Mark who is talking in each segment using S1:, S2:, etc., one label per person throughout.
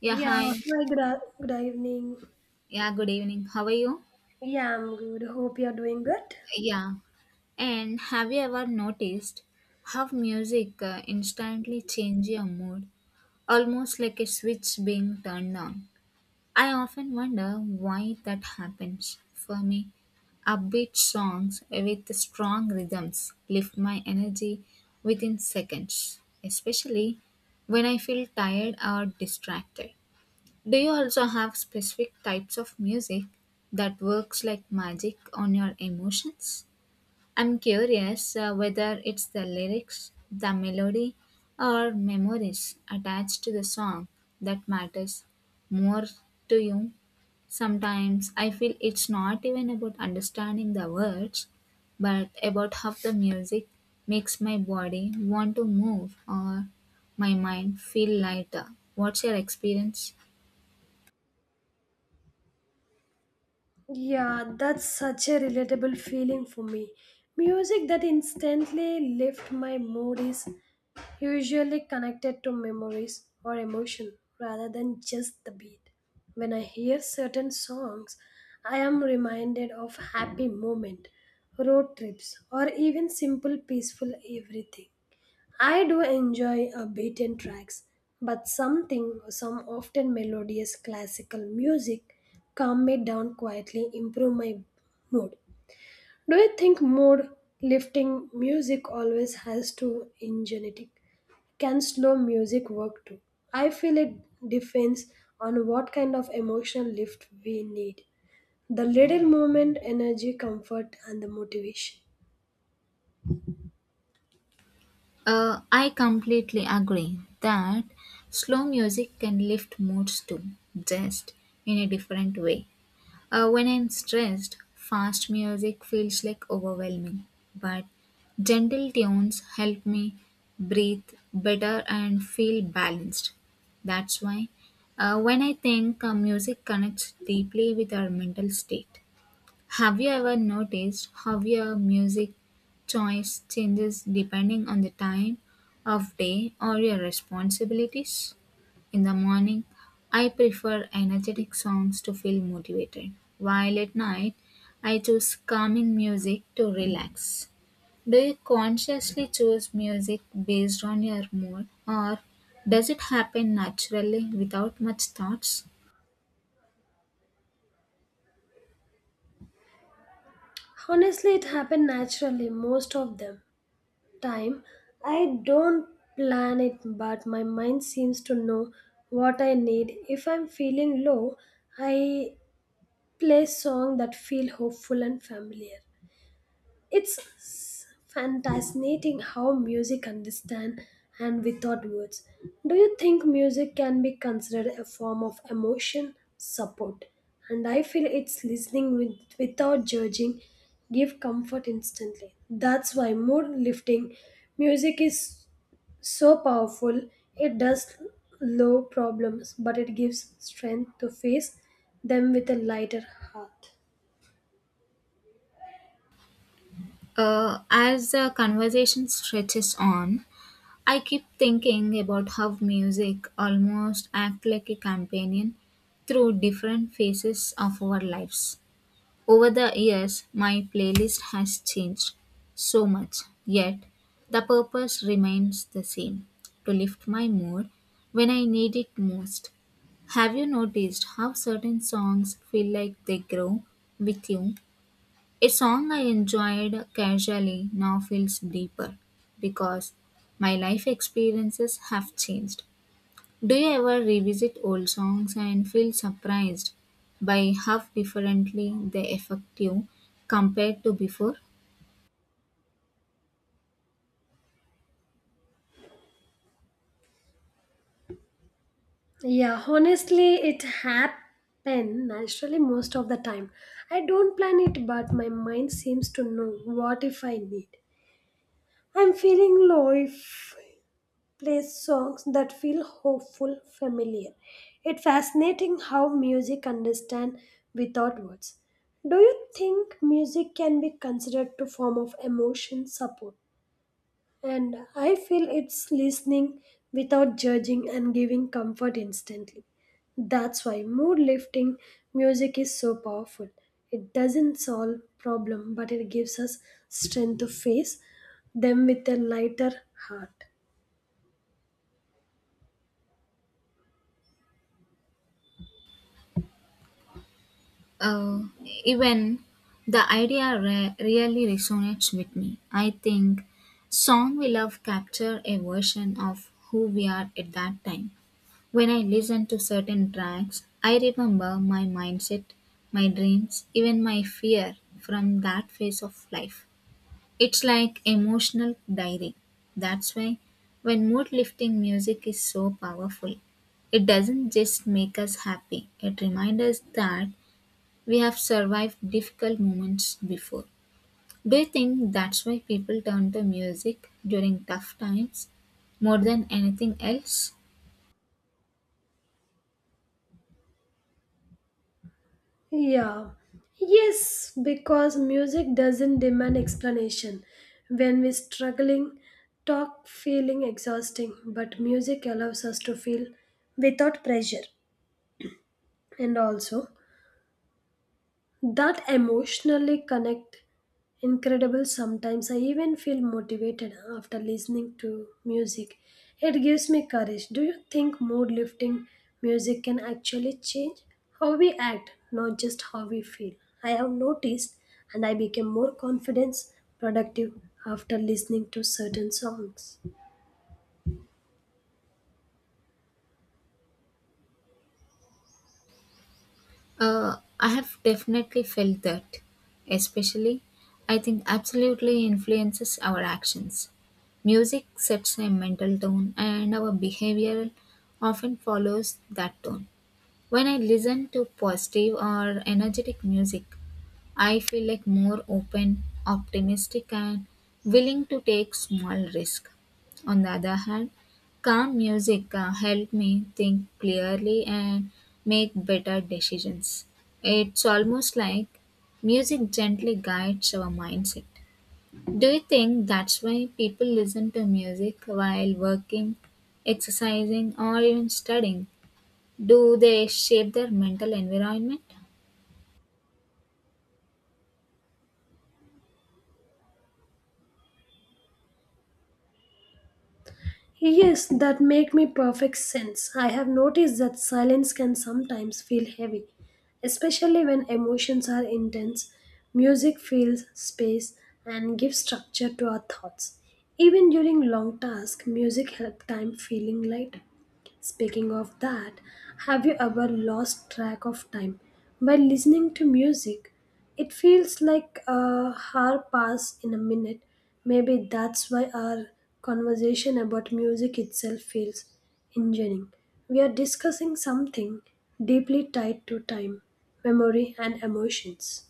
S1: Yeah,
S2: Yeah,
S1: hi.
S2: hi, good, good evening.
S1: Yeah, good evening. How are you?
S2: Yeah, I'm good. Hope you're doing good.
S1: Yeah. And have you ever noticed how music instantly changes your mood, almost like a switch being turned on? I often wonder why that happens. For me, upbeat songs with strong rhythms lift my energy within seconds, especially when I feel tired or distracted. Do you also have specific types of music that works like magic on your emotions? I'm curious whether it's the lyrics, the melody, or memories attached to the song that matters more to you. Sometimes I feel it's not even about understanding the words, but about how the music makes my body want to move or my mind feel lighter. What's your experience?
S2: Yeah, that's such a relatable feeling for me. Music that instantly lifts my mood is usually connected to memories or emotion rather than just the beat. When I hear certain songs, I am reminded of happy moment, road trips, or even simple peaceful everything. I do enjoy a beaten tracks, but something some often melodious classical music calm me down quietly, improve my mood. Do you think mood lifting music always has to energetic? Can slow music work too? I feel it depends on what kind of emotional lift we need. The little moment, energy, comfort, and the motivation.
S1: I completely agree that slow music can lift moods too, just in a different way. When I'm stressed, fast music feels like overwhelming, but gentle tunes help me breathe better and feel balanced. That's why when I think music connects deeply with our mental state. Have you ever noticed how your music choice changes depending on the time of day or your responsibilities? In the morning, I prefer energetic songs to feel motivated, while at night, I choose calming music to relax. Do you consciously choose music based on your mood, or does it happen naturally without much thoughts?
S2: Honestly, it happened naturally, most of them. Time. I don't plan it, but my mind seems to know what I need. If I'm feeling low, I play song that feel hopeful and familiar. It's fascinating how music understand and without words. Do you think music can be considered a form of emotion support? And I feel it's listening with, without judging give comfort instantly. That's why mood lifting music is so powerful. It does low problems, but it gives strength to face them with a lighter heart.
S1: As the conversation stretches on, I keep thinking about how music almost acts like a companion through different phases of our lives. Over the years, my playlist has changed so much, yet the purpose remains the same to lift my mood when I need it most. Have you noticed how certain songs feel like they grow with you a song I enjoyed casually now feels deeper because my life experiences have changed. Do you ever revisit old songs and feel surprised by how differently they affect you compared to before?
S2: Yeah, honestly, it happen naturally most of the time. I don't plan it, but my mind seems to know what if I need. I'm feeling low if play songs that feel hopeful, familiar. It's fascinating how music understand without words. Do you think music can be considered to form of emotion support? And I feel it's listening without judging and giving comfort instantly. That's why mood lifting music is so powerful. It doesn't solve problem, but it gives us strength to face them with a lighter heart.
S1: Uh, even the idea really resonates with me. I think song we love capture a version of who we are at that time. When I listen to certain tracks, I remember my mindset, my dreams, even my fear from that phase of life. It's like emotional diary. That's why when mood lifting music is so powerful, it doesn't just make us happy, it reminds us that we have survived difficult moments before. Do you think that's why people turn to music during tough times more than anything else?
S2: Yeah. Yes, because music doesn't demand explanation. When we're struggling, talk feeling exhausting, but music allows us to feel without pressure. And also, that emotionally connect incredible, sometimes I even feel motivated after listening to music, it gives me courage. Do you think mood lifting music can actually change how we act, not just how we feel? I have noticed, and I became more confident, productive after listening to certain songs.
S1: I have definitely felt that. Especially, I think absolutely influences our actions. Music sets a mental tone, and our behavior often follows that tone. When I listen to positive or energetic music, I feel like more open, optimistic and willing to take small risk. On the other hand, calm music help me think clearly and make better decisions. It's almost like music gently guides our mindset. Do you think that's why people listen to music while working, exercising or even studying? Do they shape their mental environment?
S2: Yes, that make me perfect sense. I have noticed that silence can sometimes feel heavy, especially when emotions are intense. Music fills space and gives structure to our thoughts. Even during long tasks, music helps time feeling lighter. Speaking of that, have you ever lost track of time while listening to music, it feels like a hour pass in a minute. Maybe that's why our conversation about music itself feels engineering. We are discussing something deeply tied to time, memory, and emotions.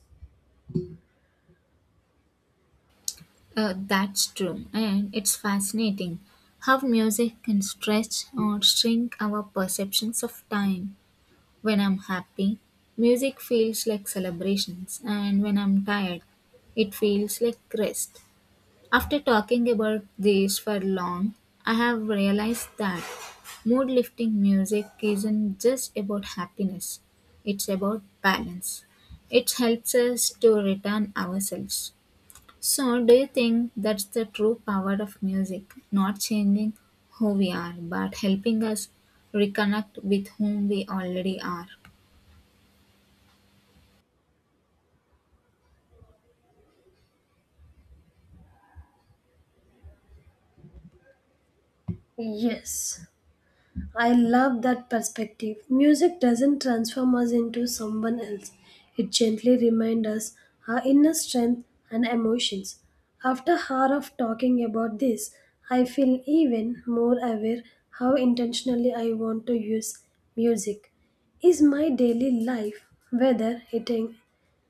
S1: That's true, and it's fascinating how music can stretch or shrink our perceptions of time. When I'm happy, music feels like celebrations, and when I'm tired, it feels like rest. After talking about these for long, I have realized that mood lifting music isn't just about happiness, it's about balance. It helps us to return ourselves. So, do you think that's the true power of music? Not changing who we are, but helping us reconnect with whom we already are.
S2: Yes. I love that perspective. Music doesn't transform us into someone else, it gently reminds us our inner strength and emotions. After hour of talking about this, I feel even more aware how intentionally I want to use music. Is my daily life, whether it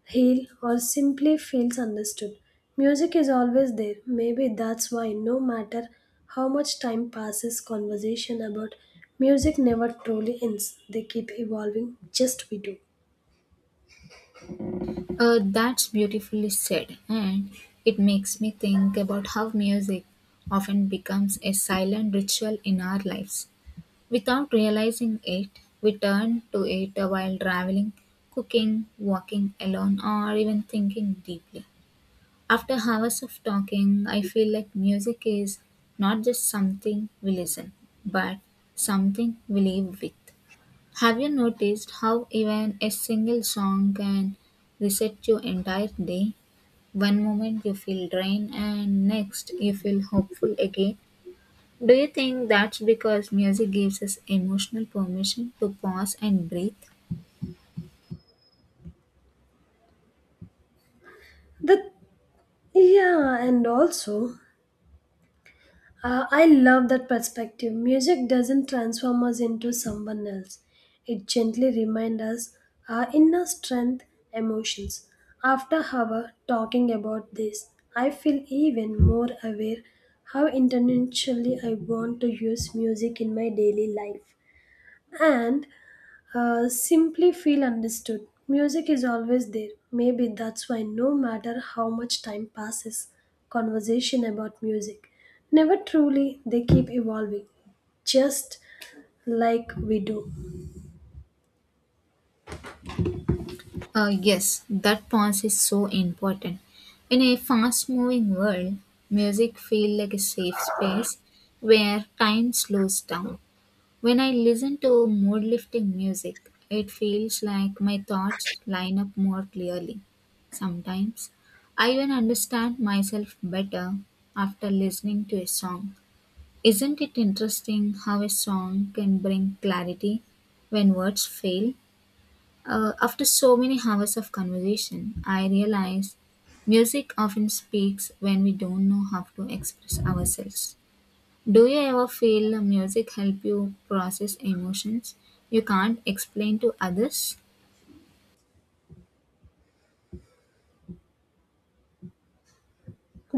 S2: heal, or simply feels understood. Music is always there. Maybe that's why, no matter how much time passes, conversation about music never truly ends. They keep evolving, just we do.
S1: That's beautifully said, and it makes me think about how music often becomes a silent ritual in our lives. Without realizing it, we turn to it while traveling, cooking, walking alone, or even thinking deeply. After hours of talking, I feel like music is not just something we listen, but something we live with. Have you noticed how even a single song can reset your entire day? One moment you feel drained and next you feel hopeful again. Do you think that's because music gives us emotional permission to pause and breathe?
S2: The yeah, and also I love that perspective. Music doesn't transform us into someone else. It gently reminds us our inner strength, emotions. After hour talking about this, I feel even more aware how intentionally I want to use music in my daily life and simply feel understood. Music is always there. Maybe that's why, no matter how much time passes, conversation about music never truly they keep evolving, just like we do.
S1: Yes, that pause is so important. In a fast moving world, music feels like a safe space where time slows down. When I listen to mood lifting music, it feels like my thoughts line up more clearly. Sometimes I even understand myself better after listening to a song. Isn't it interesting how a song can bring clarity when words fail? After so many hours of conversation, I realize music often speaks when we don't know how to express ourselves. Do you ever feel music help you process emotions you can't explain to others?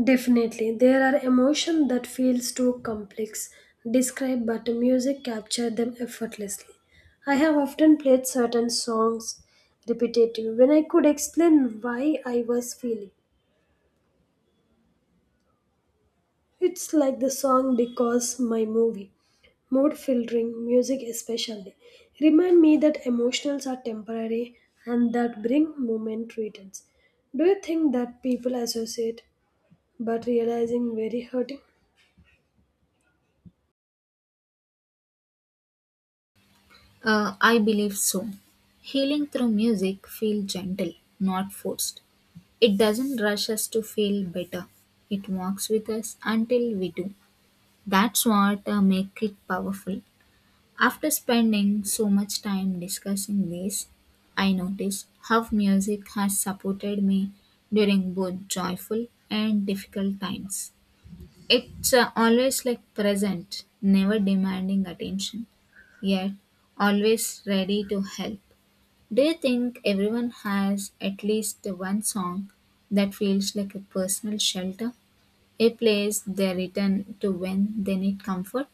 S2: Definitely, there are emotions that feels too complex, describe, but music capture them effortlessly. I have often played certain songs repetitive when I could explain why I was feeling. It's like the song because my movie. Mood filtering, music especially. Remind me that emotions are temporary and that bring moment returns. Do you think that people associate but realizing very hurting?
S1: I believe so. Healing through music feels gentle, not forced. It doesn't rush us to feel better. It walks with us until we do. That's what make it powerful. After spending so much time discussing this, I notice how music has supported me during both joyful and difficult times. It's always like present, never demanding attention, yet always ready to help. Do you think everyone has at least one song that feels like a personal shelter? A place they return to when they need comfort?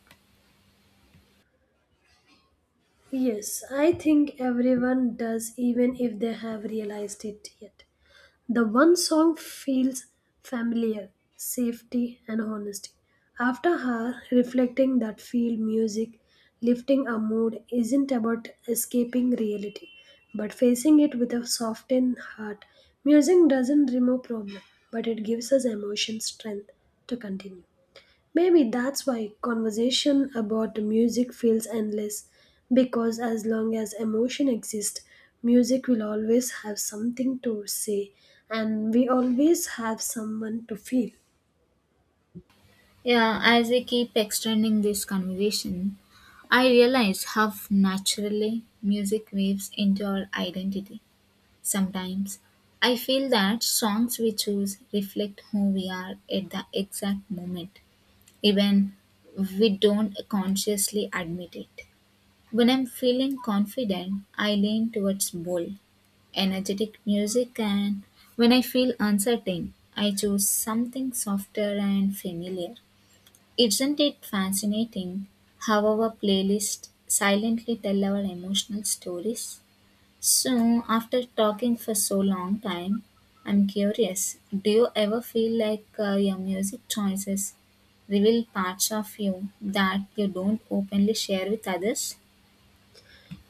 S2: Yes, I think everyone does even if they have realized it yet. The one song feels familiar safety and honesty. After her reflecting that feel music, lifting a mood isn't about escaping reality, but facing it with a softened heart. Music doesn't remove problem, but it gives us emotion strength to continue. Maybe that's why conversation about music feels endless, because as long as emotion exists, music will always have something to say, and we always have someone to feel.
S1: Yeah, as we keep extending this conversation, I realize how naturally music weaves into our identity. Sometimes I feel that songs we choose reflect who we are at the exact moment, even we don't consciously admit it. When I'm feeling confident, I lean towards bold, energetic music, and when I feel uncertain, I choose something softer and familiar. Isn't it fascinating how our playlists silently tell our emotional stories? So, after talking for so long time, I'm curious, do you ever feel like your music choices reveal parts of you that you don't openly share with others?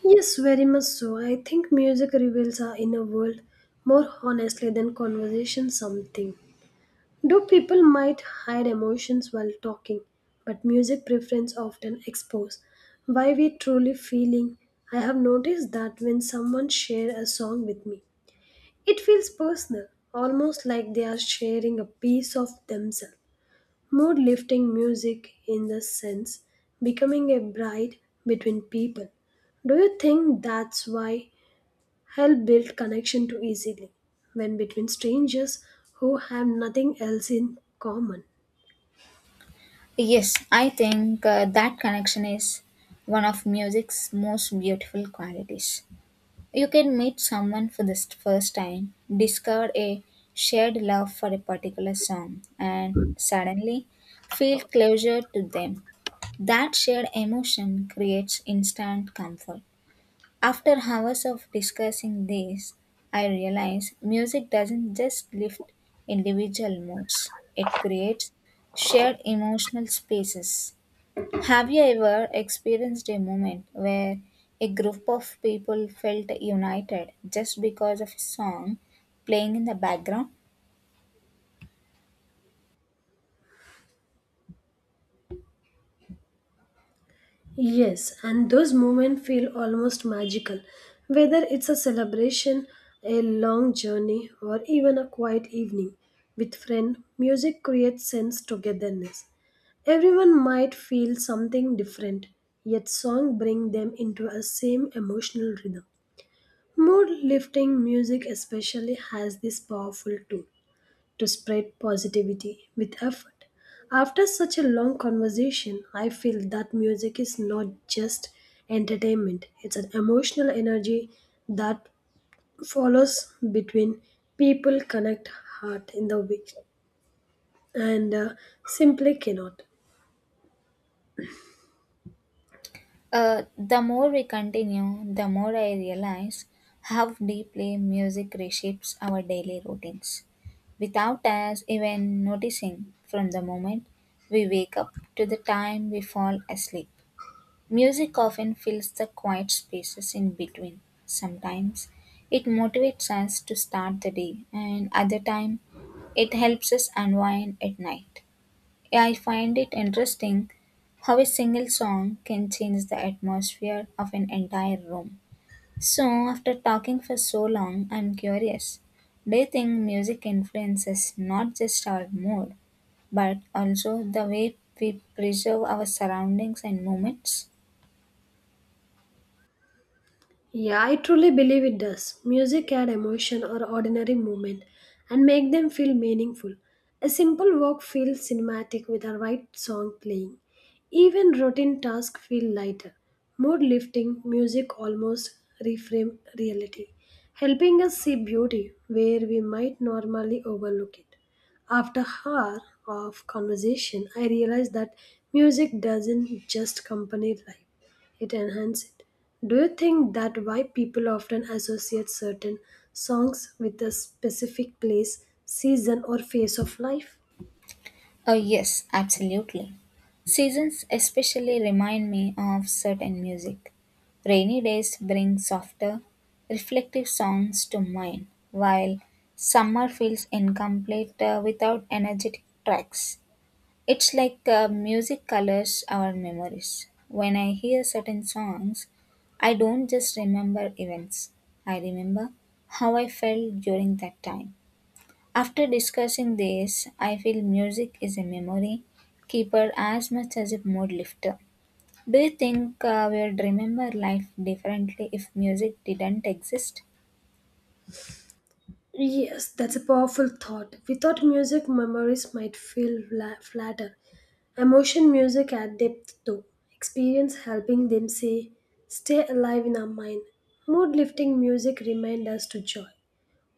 S2: Yes, very much so. I think music reveals our inner world more honestly than conversation something. Though people might hide emotions while talking, but music preference often expose why we truly feeling. I have noticed that when someone share a song with me, it feels personal, almost like they are sharing a piece of themselves. Mood lifting music in the sense becoming a bride between people. Do you think that's why help build connection too easily when between strangers who have nothing else in common?
S1: Yes, I think that connection is one of music's most beautiful qualities. You can meet someone for the first time, discover a shared love for a particular song, and suddenly feel closer to them. That shared emotion creates instant comfort. After hours of discussing this, I realize music doesn't just lift individual moods, it creates shared emotional spaces. Have you ever experienced a moment where a group of people felt united just because of a song playing in the background?
S2: Yes, and those moments feel almost magical, whether it's a celebration, a long journey, or even a quiet evening with friend. Music creates sense togetherness. Everyone might feel something different, yet song bring them into a same emotional rhythm. Mood lifting music especially has this powerful tool to spread positivity with effort. After such a long conversation, I feel that music is not just entertainment, it's an emotional energy that follows between people, connect heart in the way, and simply cannot.
S1: The more we continue, the more I realize how deeply music reshapes our daily routines without us even noticing from the moment we wake up to the time we fall asleep. Music often fills the quiet spaces in between. Sometimes it motivates us to start the day, and other time it helps us unwind at night. I find it interesting how a single song can change the atmosphere of an entire room. So, after talking for so long, I'm curious. Do you think music influences not just our mood, but also the way we preserve our surroundings and moments?
S2: Yeah, I truly believe it does. Music add emotion or ordinary moment and make them feel meaningful. A simple walk feels cinematic with a right song playing. Even routine tasks feel lighter. Mood lifting music almost reframe reality, helping us see beauty where we might normally overlook it. After hour of conversation, I realized that music doesn't just accompany life; it enhances it. Do you think that why people often associate certain songs with a specific place, season, or phase of life?
S1: Oh, yes, absolutely. Seasons especially remind me of certain music. Rainy days bring softer, reflective songs to mind, while summer feels incomplete without energetic tracks. It's like music colors our memories. When I hear certain songs, I don't just remember events, I remember how I felt during that time. After discussing this, I feel music is a memory keeper as much as a mood lifter. Do you think we would remember life differently if music didn't exist?
S2: Yes, that's a powerful thought. Without music, memories might feel flatter. Emotion music add depth though. Experience helping them say, stay alive in our mind. Mood lifting music remind us to joy.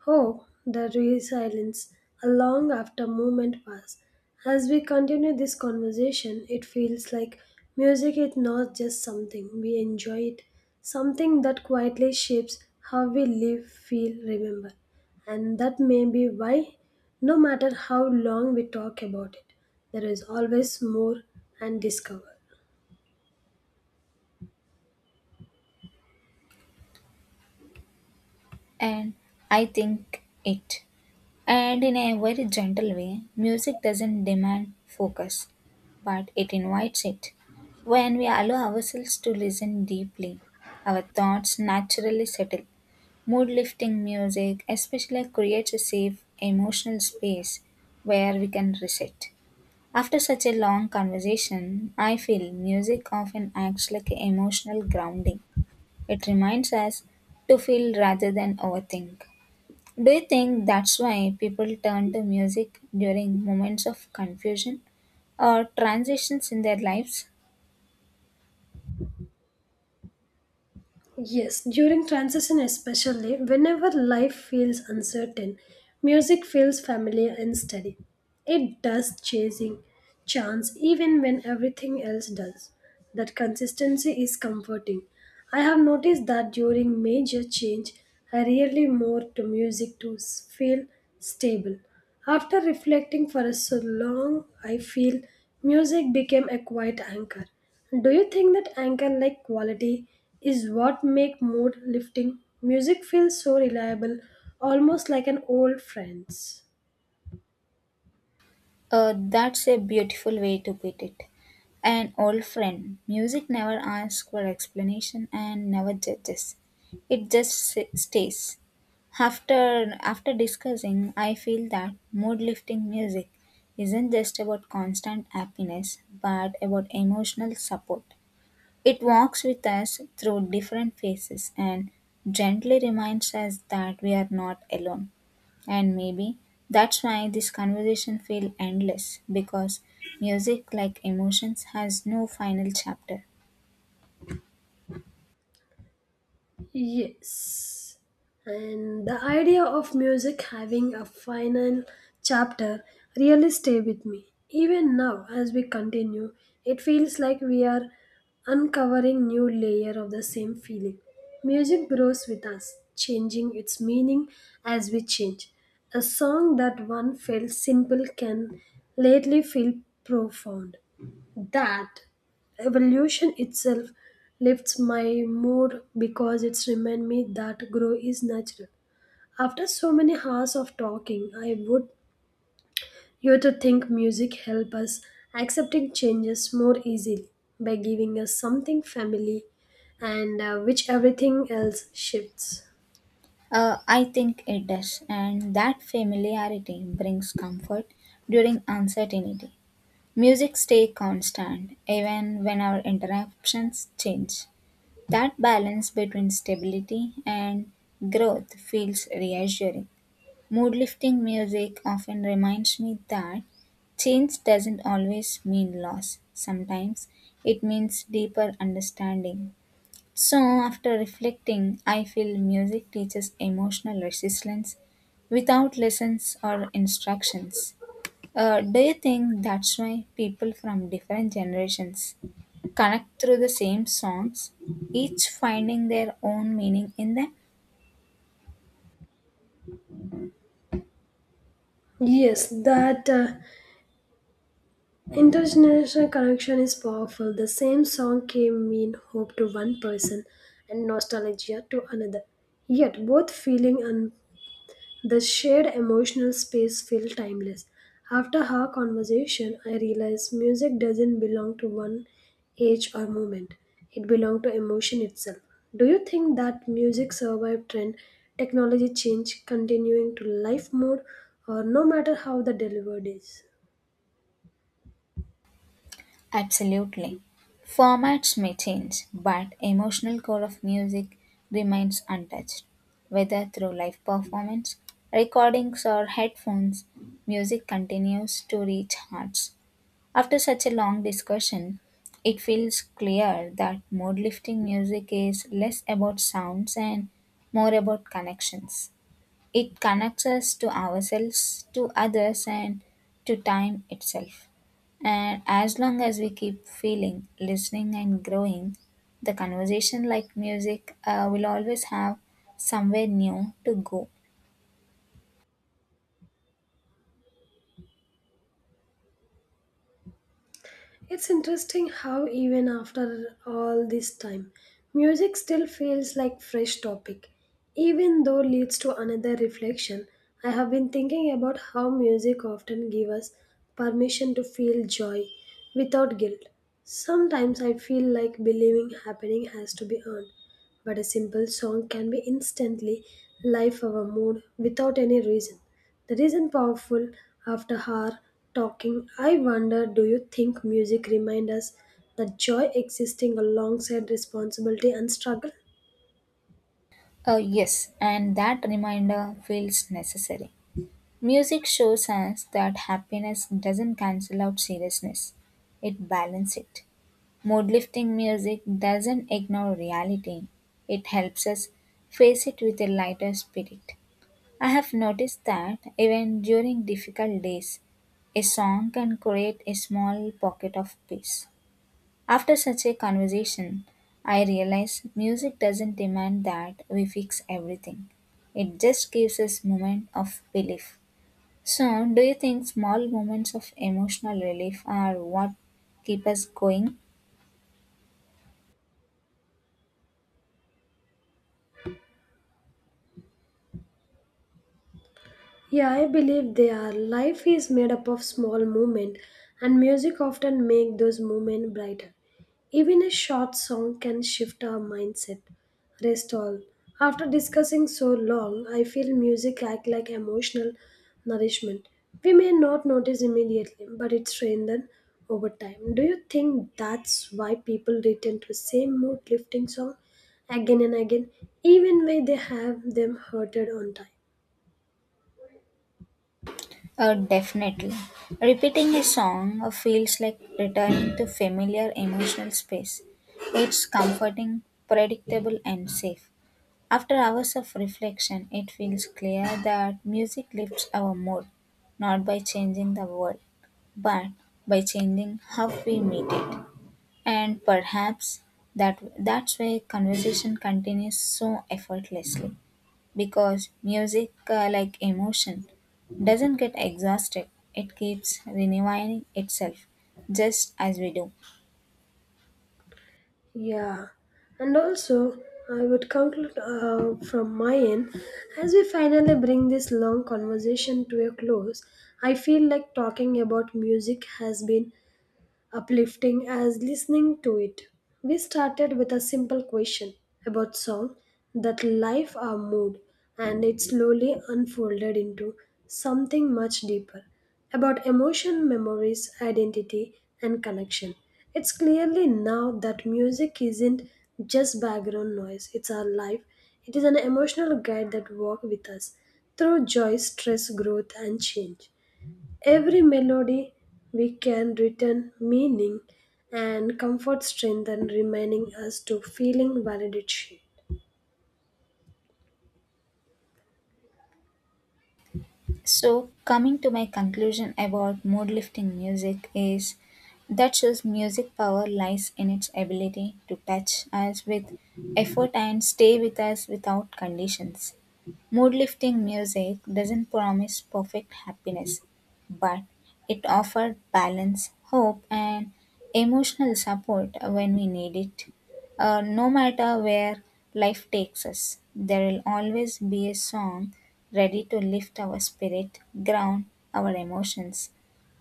S2: Oh, the real silence, a long after moment pass. As we continue this conversation, it feels like music is not just something we enjoy it, something that quietly shapes how we live, feel, remember. And that may be why, no matter how long we talk about it, there is always more and discover.
S1: And I think it. And in a very gentle way, music doesn't demand focus, but it invites it. When we allow ourselves to listen deeply, our thoughts naturally settle. Mood-lifting music especially creates a safe emotional space where we can reset. After such a long conversation, I feel music often acts like an emotional grounding. It reminds us to feel rather than overthink. Do you think that's why people turn to music during moments of confusion or transitions in their lives?
S2: Yes, during transition especially, whenever life feels uncertain, music feels familiar and steady. It does chasing chance even when everything else does. That consistency is comforting. I have noticed that during major change, I really more to music to feel stable. After reflecting for a so long, I feel music became a quiet anchor. Do you think that anchor like quality is what make mood lifting? Music feels so reliable, almost like an old friend's.
S1: That's a beautiful way to put it. An old friend. Music never asks for explanation and never judges. It just stays. After after discussing, I feel that mood lifting music isn't just about constant happiness, but about emotional support. It walks with us through different phases and gently reminds us that we are not alone. And maybe that's why this conversation feels endless because music, like emotions, has no final chapter.
S2: Yes. And the idea of music having a final chapter really stay with me. Even now as we continue, it feels like we are uncovering new layer of the same feeling. Music grows with us, changing its meaning as we change. A song that one felt simple can lately feel profound that evolution itself lifts my mood because it's remind me that grow is natural. After so many hours of talking, I would you to think music help us accepting changes more easily by giving us something family and which everything else shifts.
S1: I think it does, and that familiarity brings comfort during uncertainty. Music stays constant even when our interactions change. That balance between stability and growth feels reassuring. Mood-lifting music often reminds me that change doesn't always mean loss. Sometimes it means deeper understanding. So, after reflecting, I feel music teaches emotional resilience without lessons or instructions. Do you think that's why people from different generations connect through the same songs, each finding their own meaning in them?
S2: Yes, that intergenerational connection is powerful. The same song can mean hope to one person and nostalgia to another. Yet both feeling and the shared emotional space felt timeless. After her conversation, I realized music doesn't belong to one age or moment. It belongs to emotion itself. Do you think that music survived trend, technology change, continuing to life mode, or no matter how the delivered is?
S1: Absolutely. Formats may change, but emotional core of music remains untouched. Whether through live performance, recordings or headphones, music continues to reach hearts. After such a long discussion, it feels clear that mood lifting music is less about sounds and more about connections. It connects us to ourselves, to others, and to time itself. And as long as we keep feeling, listening, and growing, the conversation, like music, will always have somewhere new to go.
S2: It's interesting how even after all this time, music still feels like fresh topic, even though leads to another reflection. I have been thinking about how music often give us permission to feel joy without guilt. Sometimes I feel like believing happening has to be earned, but a simple song can be instantly life our mood without any reason. That isn't powerful after hour talking. I wonder, do you think music remind us that joy existing alongside responsibility and struggle?
S1: Yes, and that reminder feels necessary. Music shows us that happiness doesn't cancel out seriousness, it balances it. Mood-lifting music doesn't ignore reality. It helps us face it with a lighter spirit. I have noticed that even during difficult days, a song can create a small pocket of peace. After such a conversation, I realize music doesn't demand that we fix everything. It just gives us moment of belief. So, do you think small moments of emotional relief are what keep us going?
S2: Yeah, I believe they are. Life is made up of small moments, and music often make those moments brighter. Even a short song can shift our mindset. Rest all. After discussing so long, I feel music act like emotional nourishment. We may not notice immediately, but it strengthens over time. Do you think that's why people return to same mood lifting song again and again, even when they have them hurted on time?
S1: Definitely. Repeating a song feels like returning to familiar emotional space. It's comforting, predictable, and safe. After hours of reflection, it feels clear that music lifts our mood, not by changing the world, but by changing how we meet it. And perhaps that's why conversation continues so effortlessly because music like emotion doesn't get exhausted it keeps renewing itself just as we do.
S2: Yeah, and also I would conclude from my end as we finally bring this long conversation to a close. I feel like talking about music has been uplifting as listening to it. We started with a simple question about song that life our mood and it slowly unfolded into something much deeper about emotion, memories, identity and connection. It's clearly now that music isn't just background noise, it's our life. It is an emotional guide that walks with us through joy, stress, growth and change. Every melody we can return meaning and comfort strengthen reminding us to feeling validation.
S1: So, coming to my conclusion about mood lifting music is that shows music power lies in its ability to touch us with effort and stay with us without conditions. Mood-lifting music doesn't promise perfect happiness, but it offers balance, hope, and emotional support when we need it. No matter where life takes us, there will always be a song ready to lift our spirit, ground our emotions,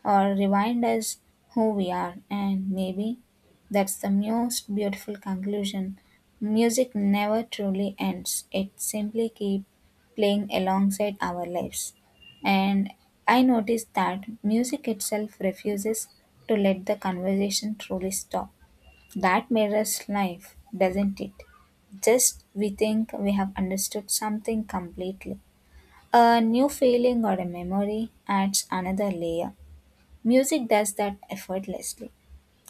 S1: or remind us who we are. And maybe that's the most beautiful conclusion. Music never truly ends, it simply keeps playing alongside our lives. And I noticed that music itself refuses to let the conversation truly stop. That mirrors life, doesn't it? Just we think we have understood something completely. A new feeling or a memory adds another layer. Music does that effortlessly.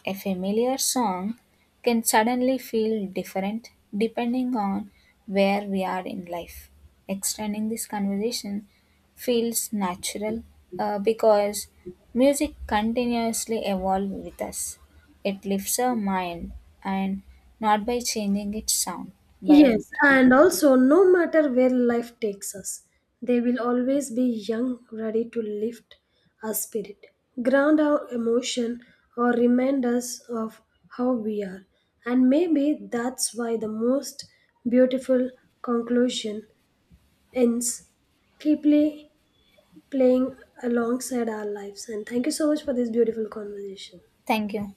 S1: A familiar song can suddenly feel different depending on where we are in life. Extending this conversation feels natural because music continuously evolves with us. It lifts our mind and not by changing its sound. But
S2: Yes, and also no matter where life takes us, they will always be young, ready to lift our spirit, ground our emotion, or remind us of how we are. And maybe that's why the most beautiful conclusion ends deeply playing alongside our lives. And thank you so much for this beautiful conversation.
S1: thank you.